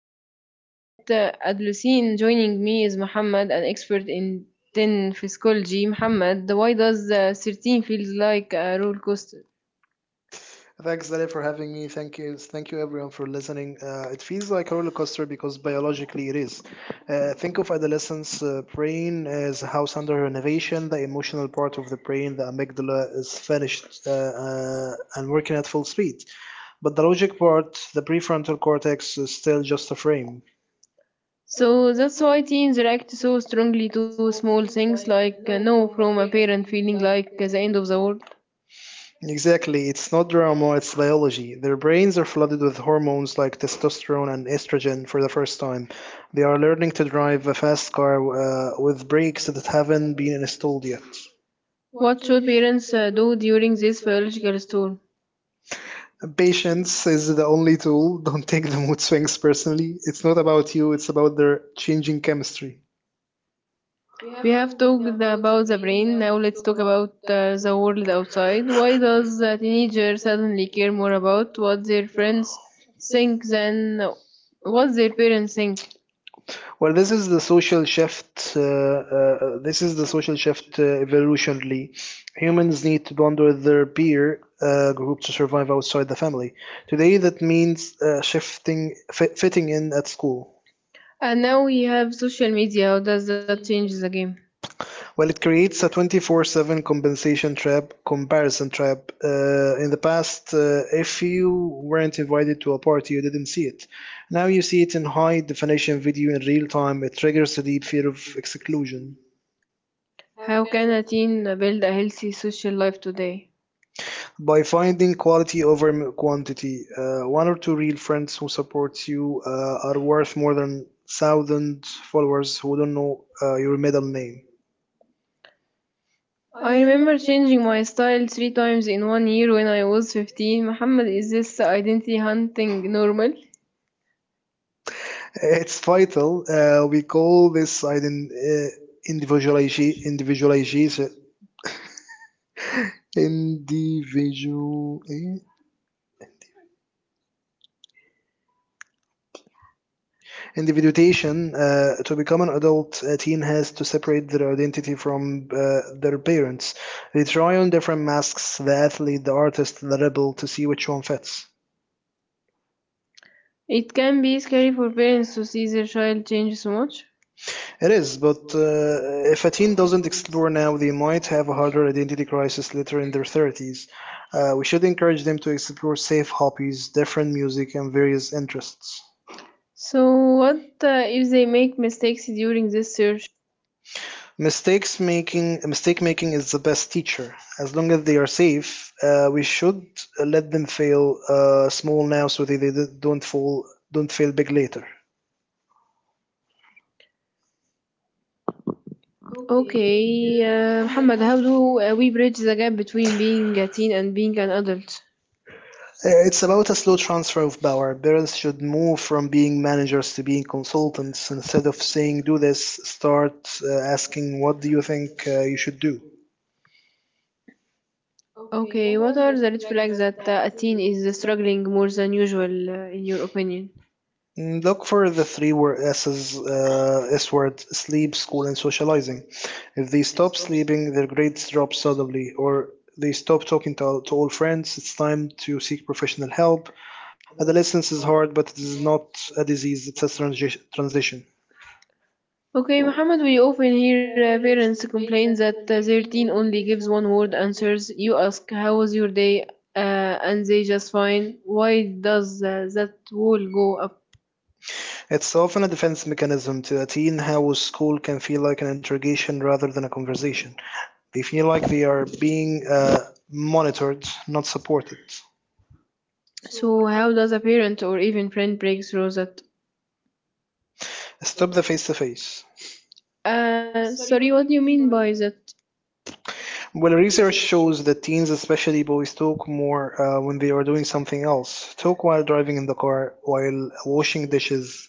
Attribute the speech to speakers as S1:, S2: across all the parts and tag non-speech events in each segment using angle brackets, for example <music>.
S1: while we are in it. Adlucine joining me is Muhammad, an expert in 10 physiology. Muhammad, why does 13 feels like a roller coaster?
S2: Thanks, Dale, for having me. Thank you, everyone, for listening. It feels like a roller coaster because biologically it is. Think of adolescence brain as a house under renovation. The emotional part of the brain, the amygdala, is finished and working at full speed, but the logic part, the prefrontal cortex, is still just a frame.
S1: So that's why teens react so strongly to small things like no from a parent feeling like the end of the world.
S2: Exactly, it's not drama, it's biology. Their brains are flooded with hormones like testosterone and estrogen for the first time. They are learning to drive a fast car with brakes that haven't been installed yet.
S1: What should parents do during this biological storm?
S2: Patience is the only tool. <laughs> Don't take the mood swings personally. It's not about you, it's about their changing chemistry.
S1: We have talked about the brain, now let's talk about the world outside. Why does a teenager suddenly care more about what their friends think than what their parents think?
S2: Well, this is the social shift. Evolutionally. Humans need to bond with their peer group to survive outside the family. Today, that means fitting in at school.
S1: And now we have social media, how does that change the game?
S2: Well, it creates a 24/7 comparison trap. In the past, if you weren't invited to a party, you didn't see it. Now you see it in high definition video in real time. It triggers a deep fear of exclusion.
S1: How can a teen build a healthy social life today?
S2: By finding quality over quantity. One or two real friends who support you are worth more than thousand followers who don't know your middle name.
S1: I remember changing my style three times in one year when I was 15. Muhammad, is this identity hunting normal?
S2: It's vital. We call this ident- individualization, individualization, individual, eh? Individuation. To become an adult, a teen has to separate their identity from their parents. They try on different masks: the athlete, the artist, the rebel, to see which one fits.
S1: It can be scary for parents to see their child change so much.
S2: It is, but if a teen doesn't explore now, they might have a harder identity crisis later in their 30s. We should encourage them to explore safe hobbies, different music, and various interests.
S1: So, what if they make mistakes during this search?
S2: Mistake making is the best teacher. As long as they are safe, we should let them fail small now so that they don't fail big later.
S1: Okay, Muhammad, how do we bridge the gap between being a teen and being an adult?
S2: It's about a slow transfer of power. Parents should move from being managers to being consultants. Instead of saying, do this, start uh, asking, what do you think you should do?
S1: Okay, what are the red flags that a teen is struggling more than usual, in your opinion?
S2: Mm, look for the three word S's, S word, sleep, school, and socializing. If they stop sleeping, their grades drop suddenly, or they stop talking to all friends, it's time to seek professional help. Adolescence is hard, but it is not a disease, it's a transition.
S1: Okay, Muhammad, we often hear parents complain that their teen only gives one word answers. You ask, how was your day? And they just fine. Why does that wall go up?
S2: It's often a defense mechanism to a teen how school can feel like an interrogation rather than a conversation. They feel like they are being monitored, not supported.
S1: So, how does a parent or even friend break through that?
S2: Stop the face to face.
S1: Sorry, what do you mean by that?
S2: Well, research shows that teens, especially boys, talk more when they are doing something else. Talk while driving in the car, while washing dishes,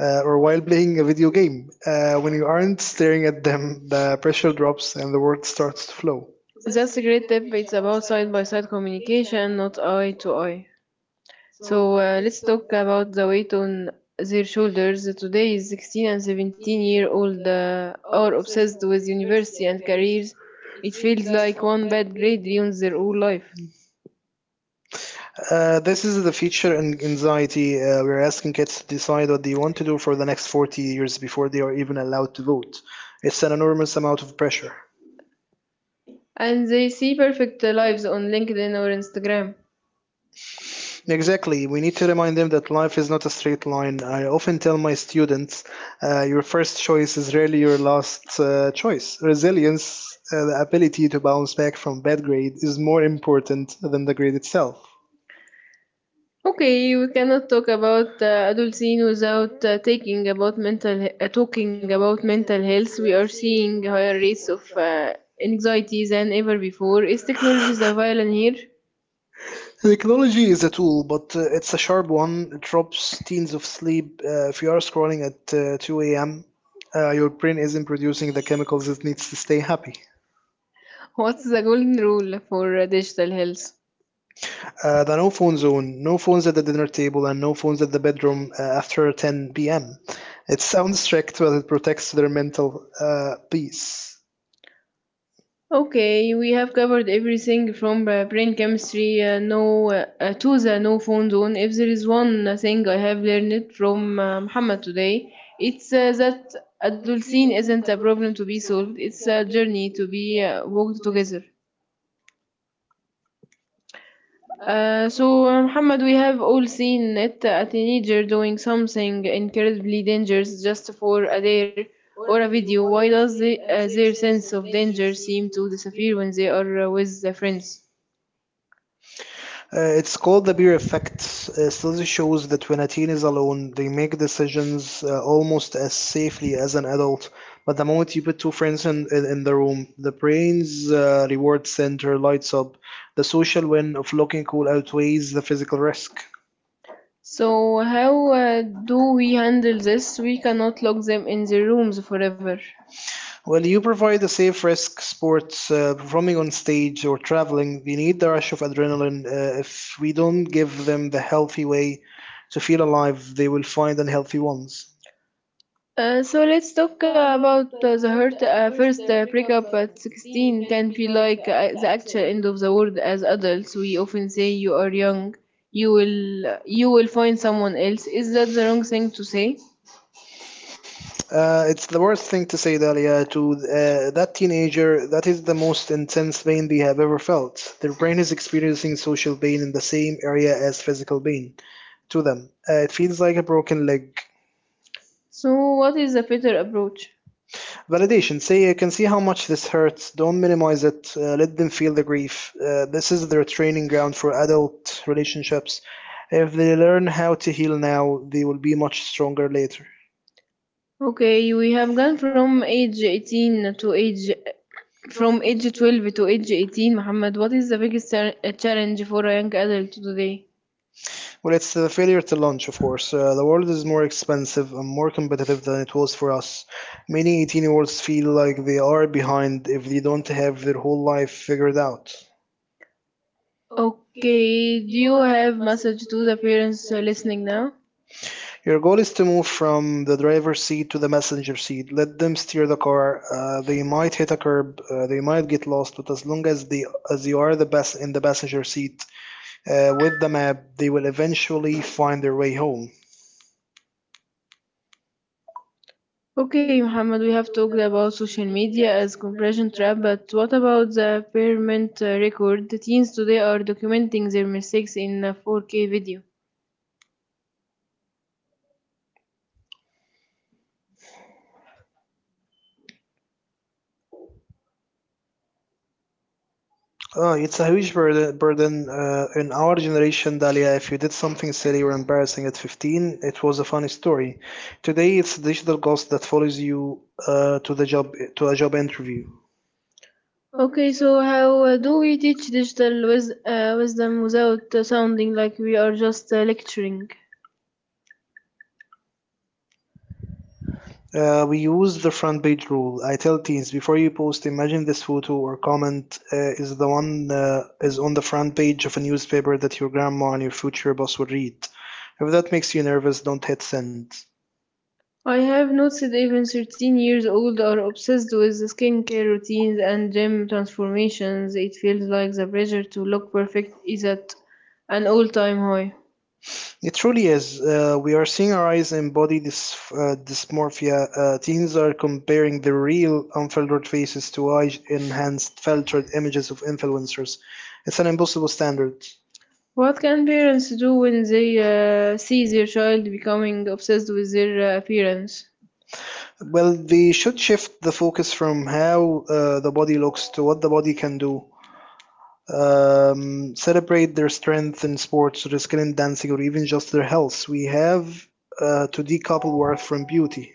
S2: or while playing a video game. When you aren't staring at them, the pressure drops and the word starts to flow.
S1: That's a great tip. It's about side by side communication, not eye to eye. So let's talk about the weight on their shoulders. Today, 16 and 17 year old are obsessed with university and careers. It feels like one bad grade ruins their whole life.
S2: This is the feature in anxiety. We're asking kids to decide what they want to do for the next 40 years before they are even allowed to vote. It's an enormous amount of pressure.
S1: And they see perfect lives on LinkedIn or Instagram.
S2: Exactly. We need to remind them that life is not a straight line. I often tell my students, your first choice is rarely your last choice. Resilience, the ability to bounce back from bad grade, is more important than the grade itself.
S1: Okay, we cannot talk about adult without taking about talking about mental health. We are seeing higher rates of anxiety than ever before. Is technology the villain here?
S2: Technology is a tool, but it's a sharp one. It robs teens of sleep. If you are scrolling at 2 a.m., your brain isn't producing the chemicals it needs to stay happy.
S1: What's the golden rule for digital health?
S2: The no phone zone, no phones at the dinner table, and no phones at the bedroom after 10 p.m. It sounds strict, but it protects their mental peace.
S1: Okay, we have covered everything from brain chemistry to the no phone zone. If there is one thing I have learned from Muhammad today, it's that adolescence isn't a problem to be solved. It's a journey to be walked together. So, Muhammad, we have all seen it a teenager doing something incredibly dangerous just for a dare or a video. Why does their sense of danger seem to disappear when they are with their friends?
S2: It's called the beer effect. Study shows that when a teen is alone, they make decisions almost as safely as an adult. But the moment you put two friends in the room, the brain's reward center lights up. The social win of looking cool outweighs the physical risk.
S1: So, how do we handle this? We cannot lock them in their rooms forever.
S2: Well, you provide a safe risk sports, performing on stage or traveling. We need the rush of adrenaline. If we don't give them the healthy way to feel alive, they will find unhealthy ones.
S1: So let's talk about the hurt. First, breakup at 16 can feel like the actual end of the world. As adults, we often say you are young, you will find someone else. Is that the wrong thing to say?
S2: It's the worst thing to say, Dalia, to that teenager. That is the most intense pain they have ever felt. Their brain is experiencing social pain in the same area as physical pain to them. It feels like a broken leg.
S1: So, what is a better approach?
S2: Validation. Say, I can see how much this hurts. Don't minimize it. Let them feel the grief. This is their training ground for adult relationships. If they learn how to heal now, they will be much stronger later.
S1: Okay, we have gone from age 18 to age from age 12 to age 18. Muhammad, what is the biggest challenge for a young adult today?
S2: Well, it's a failure to launch, of course. The world is more expensive and more competitive than it was for us. Many 18-year-olds feel like they are behind if they don't have their whole life figured out.
S1: Okay, do you have message to the parents listening now?
S2: Your goal is to move from the driver's seat to the passenger seat. Let them steer the car. They might hit a curb. They might get lost. But as you are the best in the passenger seat with the map, they will eventually find their way home.
S1: Okay, Muhammad, we have talked about social media as compression trap, but what about the parent record? The teens today are documenting their mistakes in a 4K video.
S2: Oh, it's a huge burden in our generation, Dalia. If you did something silly or embarrassing at 15, it was a funny story. Today, it's digital ghost that follows you to a job interview.
S1: Okay, so how do we teach digital wisdom without sounding like we are just lecturing?
S2: We use the front page rule. I tell teens before you post, imagine this photo or comment is on the front page of a newspaper that your grandma and your future boss would read. If that makes you nervous, don't hit send.
S1: I have noticed even 13 years old are obsessed with the skincare routines and gym transformations. It feels like the pressure to look perfect is at an all-time high.
S2: It truly is. We are seeing our eyes in dysmorphia. Teens are comparing the real unfiltered faces to AI enhanced filtered images of influencers. It's an impossible standard.
S1: What can parents do when they see their child becoming obsessed with their appearance?
S2: Well, they should shift the focus from how the body looks to what the body can do. Celebrate their strength in sports, their skill in dancing, or even just their health. We have to decouple worth from beauty.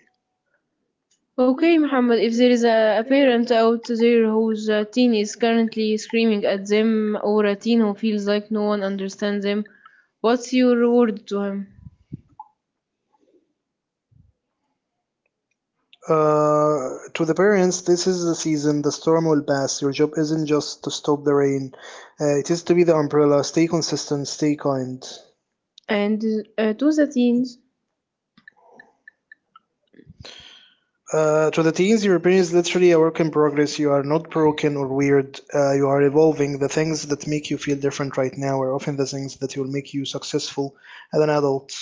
S1: Okay, Muhammad, if there is a parent out there whose teen is currently screaming at them, or a teen who feels like no one understands them, what's your word to him?
S2: To the parents, this is the season. The storm will pass. Your job isn't just to stop the rain, it is to be the umbrella. Stay consistent, stay kind.
S1: And to the teens.
S2: To the teens, your brain is literally a work in progress. You are not broken or weird. You are evolving. The things that make you feel different right now are often the things that will make you successful as an adult.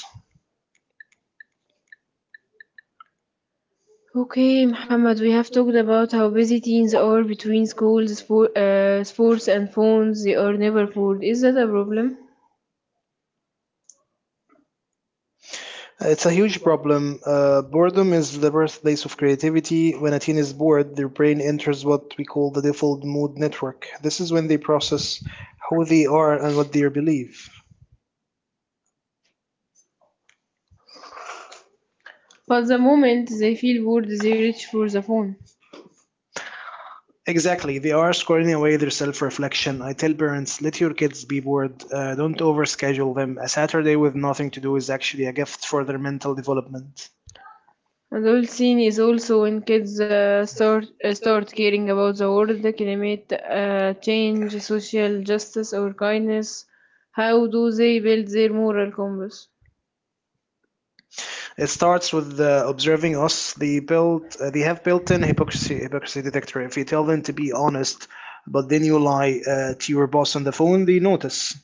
S1: Okay, Muhammad, we have talked about how busy teens are between schools, sports, and phones. They are never fooled. Is that a problem?
S2: It's a huge problem. Boredom is the birthplace of creativity. When a teen is bored, their brain enters what we call the default mode network. This is when they process who they are and what they believe.
S1: But the moment they feel bored, they reach for the phone.
S2: Exactly, they are squaring away their self reflection. I tell parents, let your kids be bored, don't overschedule them. A Saturday with nothing to do is actually a gift for their mental development.
S1: Adult scene is also when kids start caring about the world, the climate change, social justice, or kindness. How do they build their moral compass?
S2: It starts with observing us. They have built-in hypocrisy detector. If you tell them to be honest, but then you lie to your boss on the phone, they notice.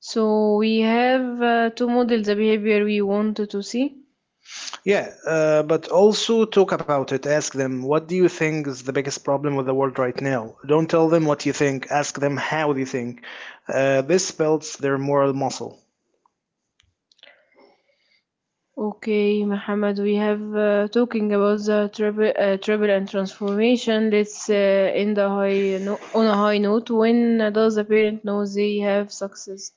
S1: So we have to model the behavior we want to see.
S2: Yeah, but also talk about it. Ask them, what do you think is the biggest problem with the world right now? Don't tell them what you think. Ask them how they think. This builds their moral muscle.
S1: Okay, Mohammed, we have talking about the travel, travel and transformation. Let's end a high no- on a high note. When does a parent know they have success?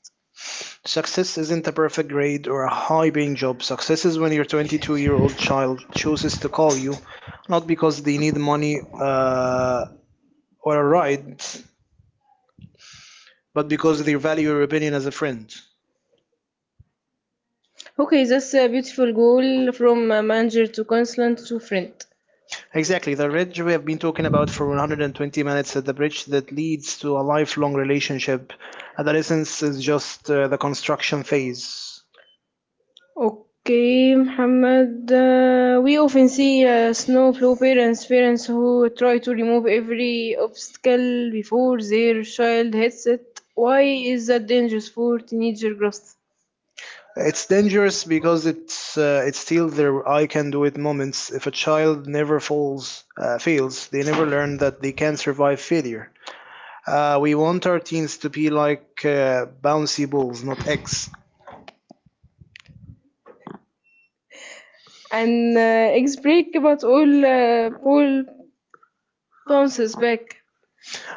S2: Success isn't a perfect grade or a high paying job. Success is when your 22-year-old child chooses to call you, not because they need money or a ride, but because they value your opinion as a friend.
S1: Okay, that's a beautiful goal from a manager to consultant to friend.
S2: Exactly, the bridge we have been talking about for 120 minutes is the bridge that leads to a lifelong relationship. Adolescence is just the construction phase.
S1: Okay, Mohammed, we often see snowflow parents, parents who try to remove every obstacle before their child hits it. Why is that dangerous for teenager growth?
S2: It's dangerous because it's still their I can do it moments. If a child never falls fails, they never learn that they can survive failure. We want our teens to be like bouncy balls, not eggs.
S1: And break about all Paul bounces back.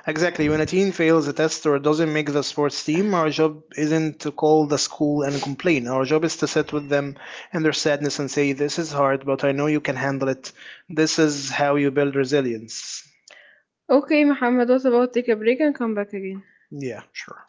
S2: Exactly. When a teen fails a test or doesn't make the sports team, our job isn't to call the school and complain. Our job is to sit with them and their sadness and say, "This is hard, but I know you can handle it. This is how you build resilience."
S1: Okay, Muhammad, what about take a break and come back again?
S2: Yeah, sure.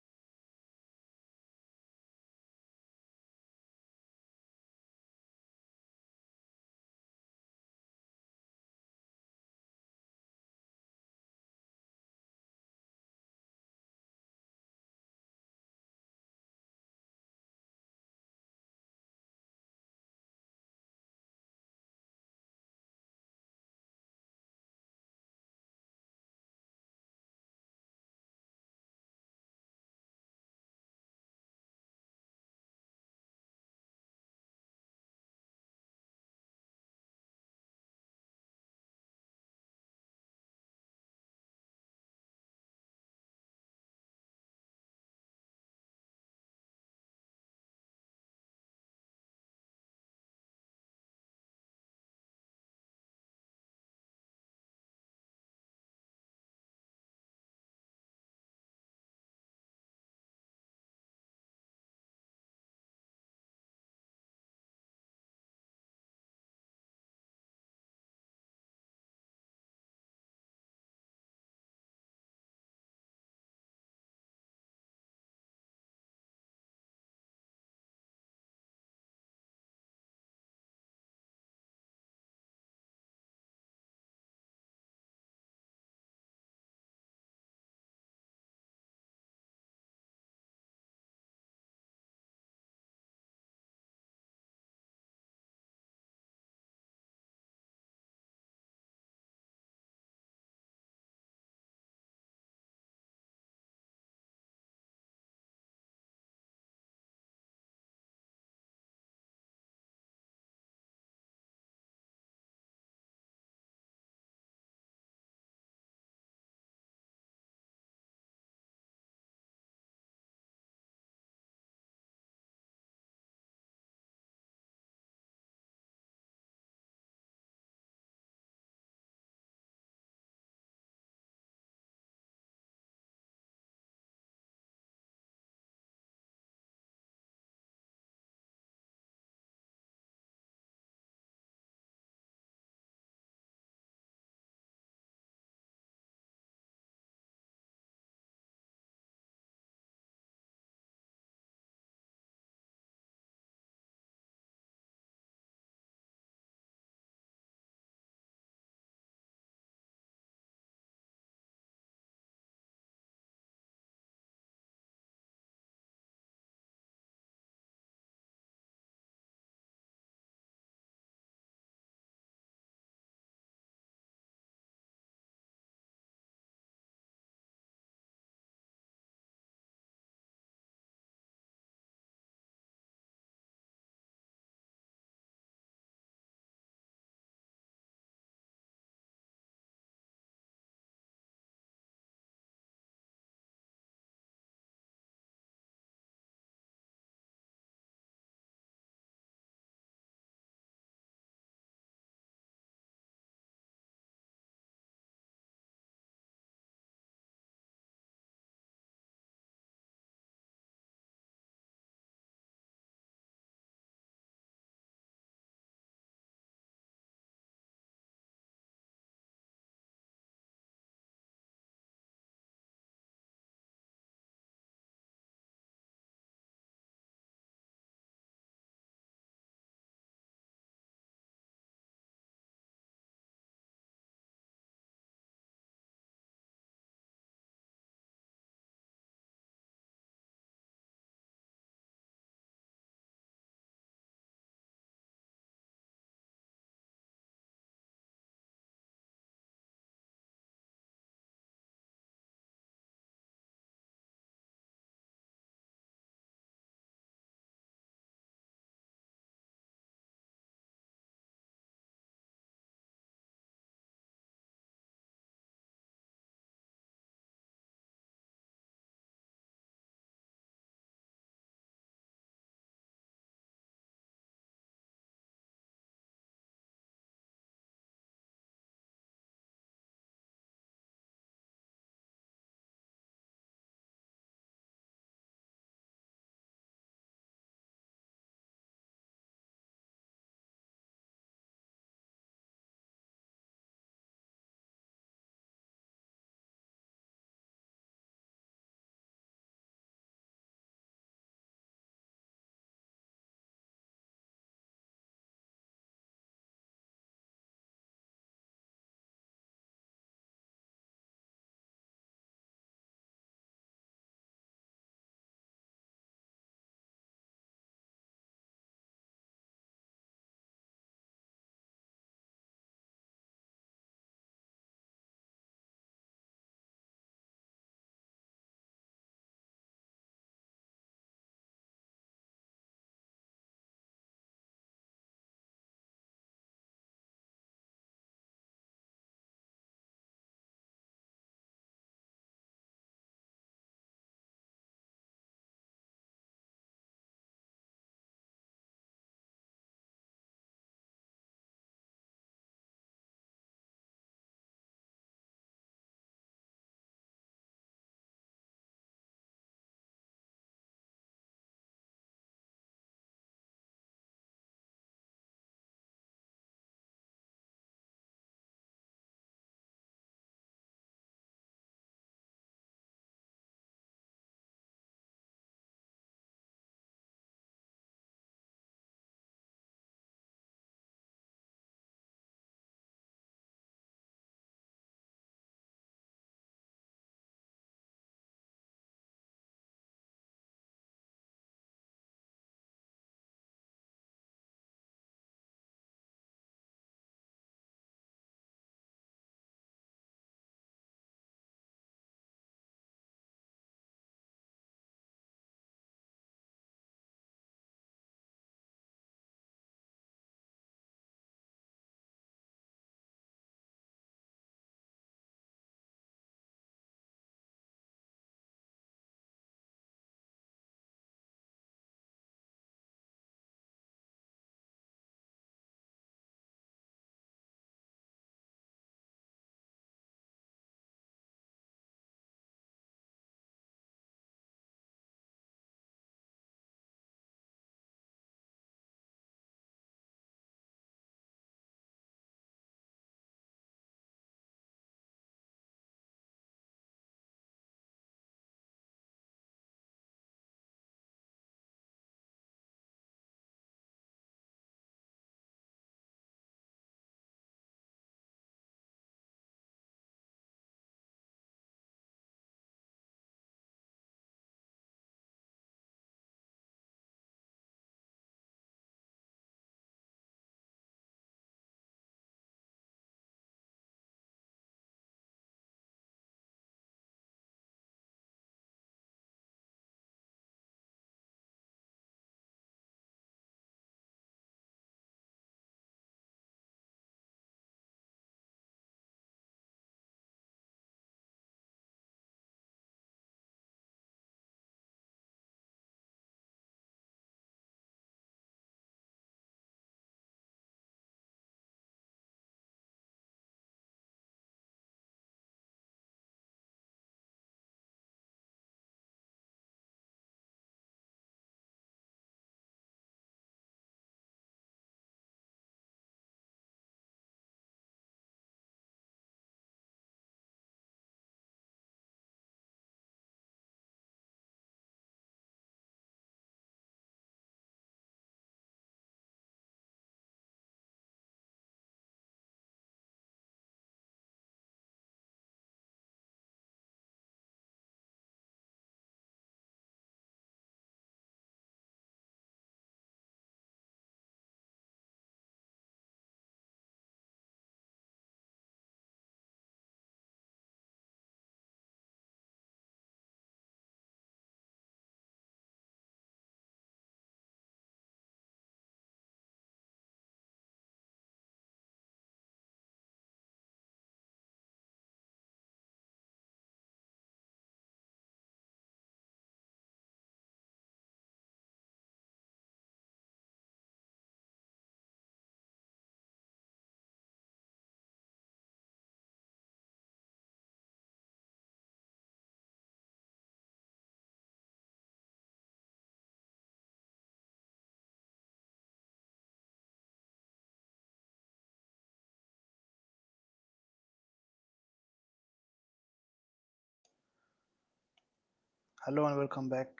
S2: Hello and welcome back,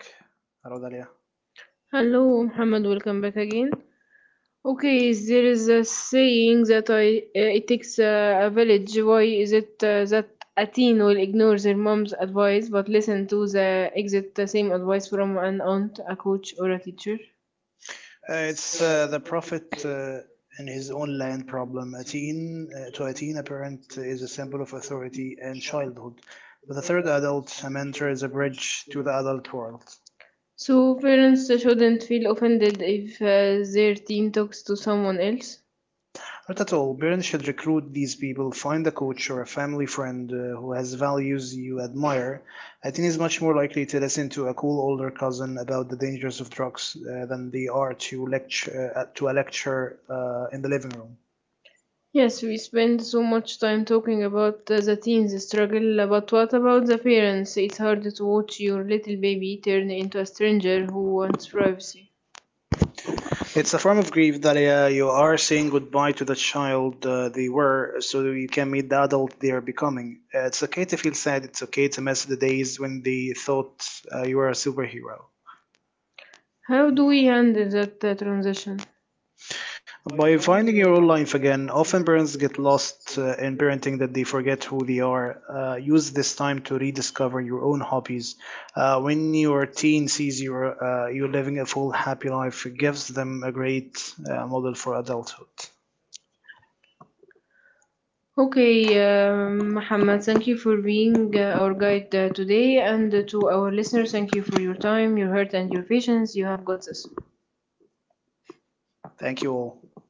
S2: Rodalia.
S1: Hello, Muhammad, welcome back again. Okay, there is a saying that it takes a village. Why is it that a teen will ignore their mom's advice but listen to the exact same advice from an aunt, a coach, or a teacher?
S2: It's the prophet and his own land problem. To a teen, a parent is a symbol of authority and childhood. But the third adult, a mentor, is a bridge to the adult world.
S1: So parents shouldn't feel offended if their teen talks to someone else.
S2: Not at all. Parents should recruit these people, find a coach or a family friend who has values you admire. A teen is much more likely to listen to a cool older cousin about the dangers of drugs than they are to lecture to a lecture in the living room.
S1: Yes, we spend so much time talking about the teens struggle, but what about the parents? It's hard to watch your little baby turn into a stranger who wants privacy.
S2: It's a form of grief that you are saying goodbye to the child they were, so you can meet the adult they are becoming. It's okay to feel sad. It's okay to miss the days when they thought you were a superhero.
S1: How do we handle that transition?
S2: By finding your own life again, often parents get lost in parenting that they forget who they are. Use this time to rediscover your own hobbies. When your teen sees you you living a full, happy life, it gives them a great model for adulthood.
S1: Okay, Muhammad, thank you for being our guide today, and to our listeners, thank you for your time, your heart, and your patience. You have got this.
S2: Thank you all.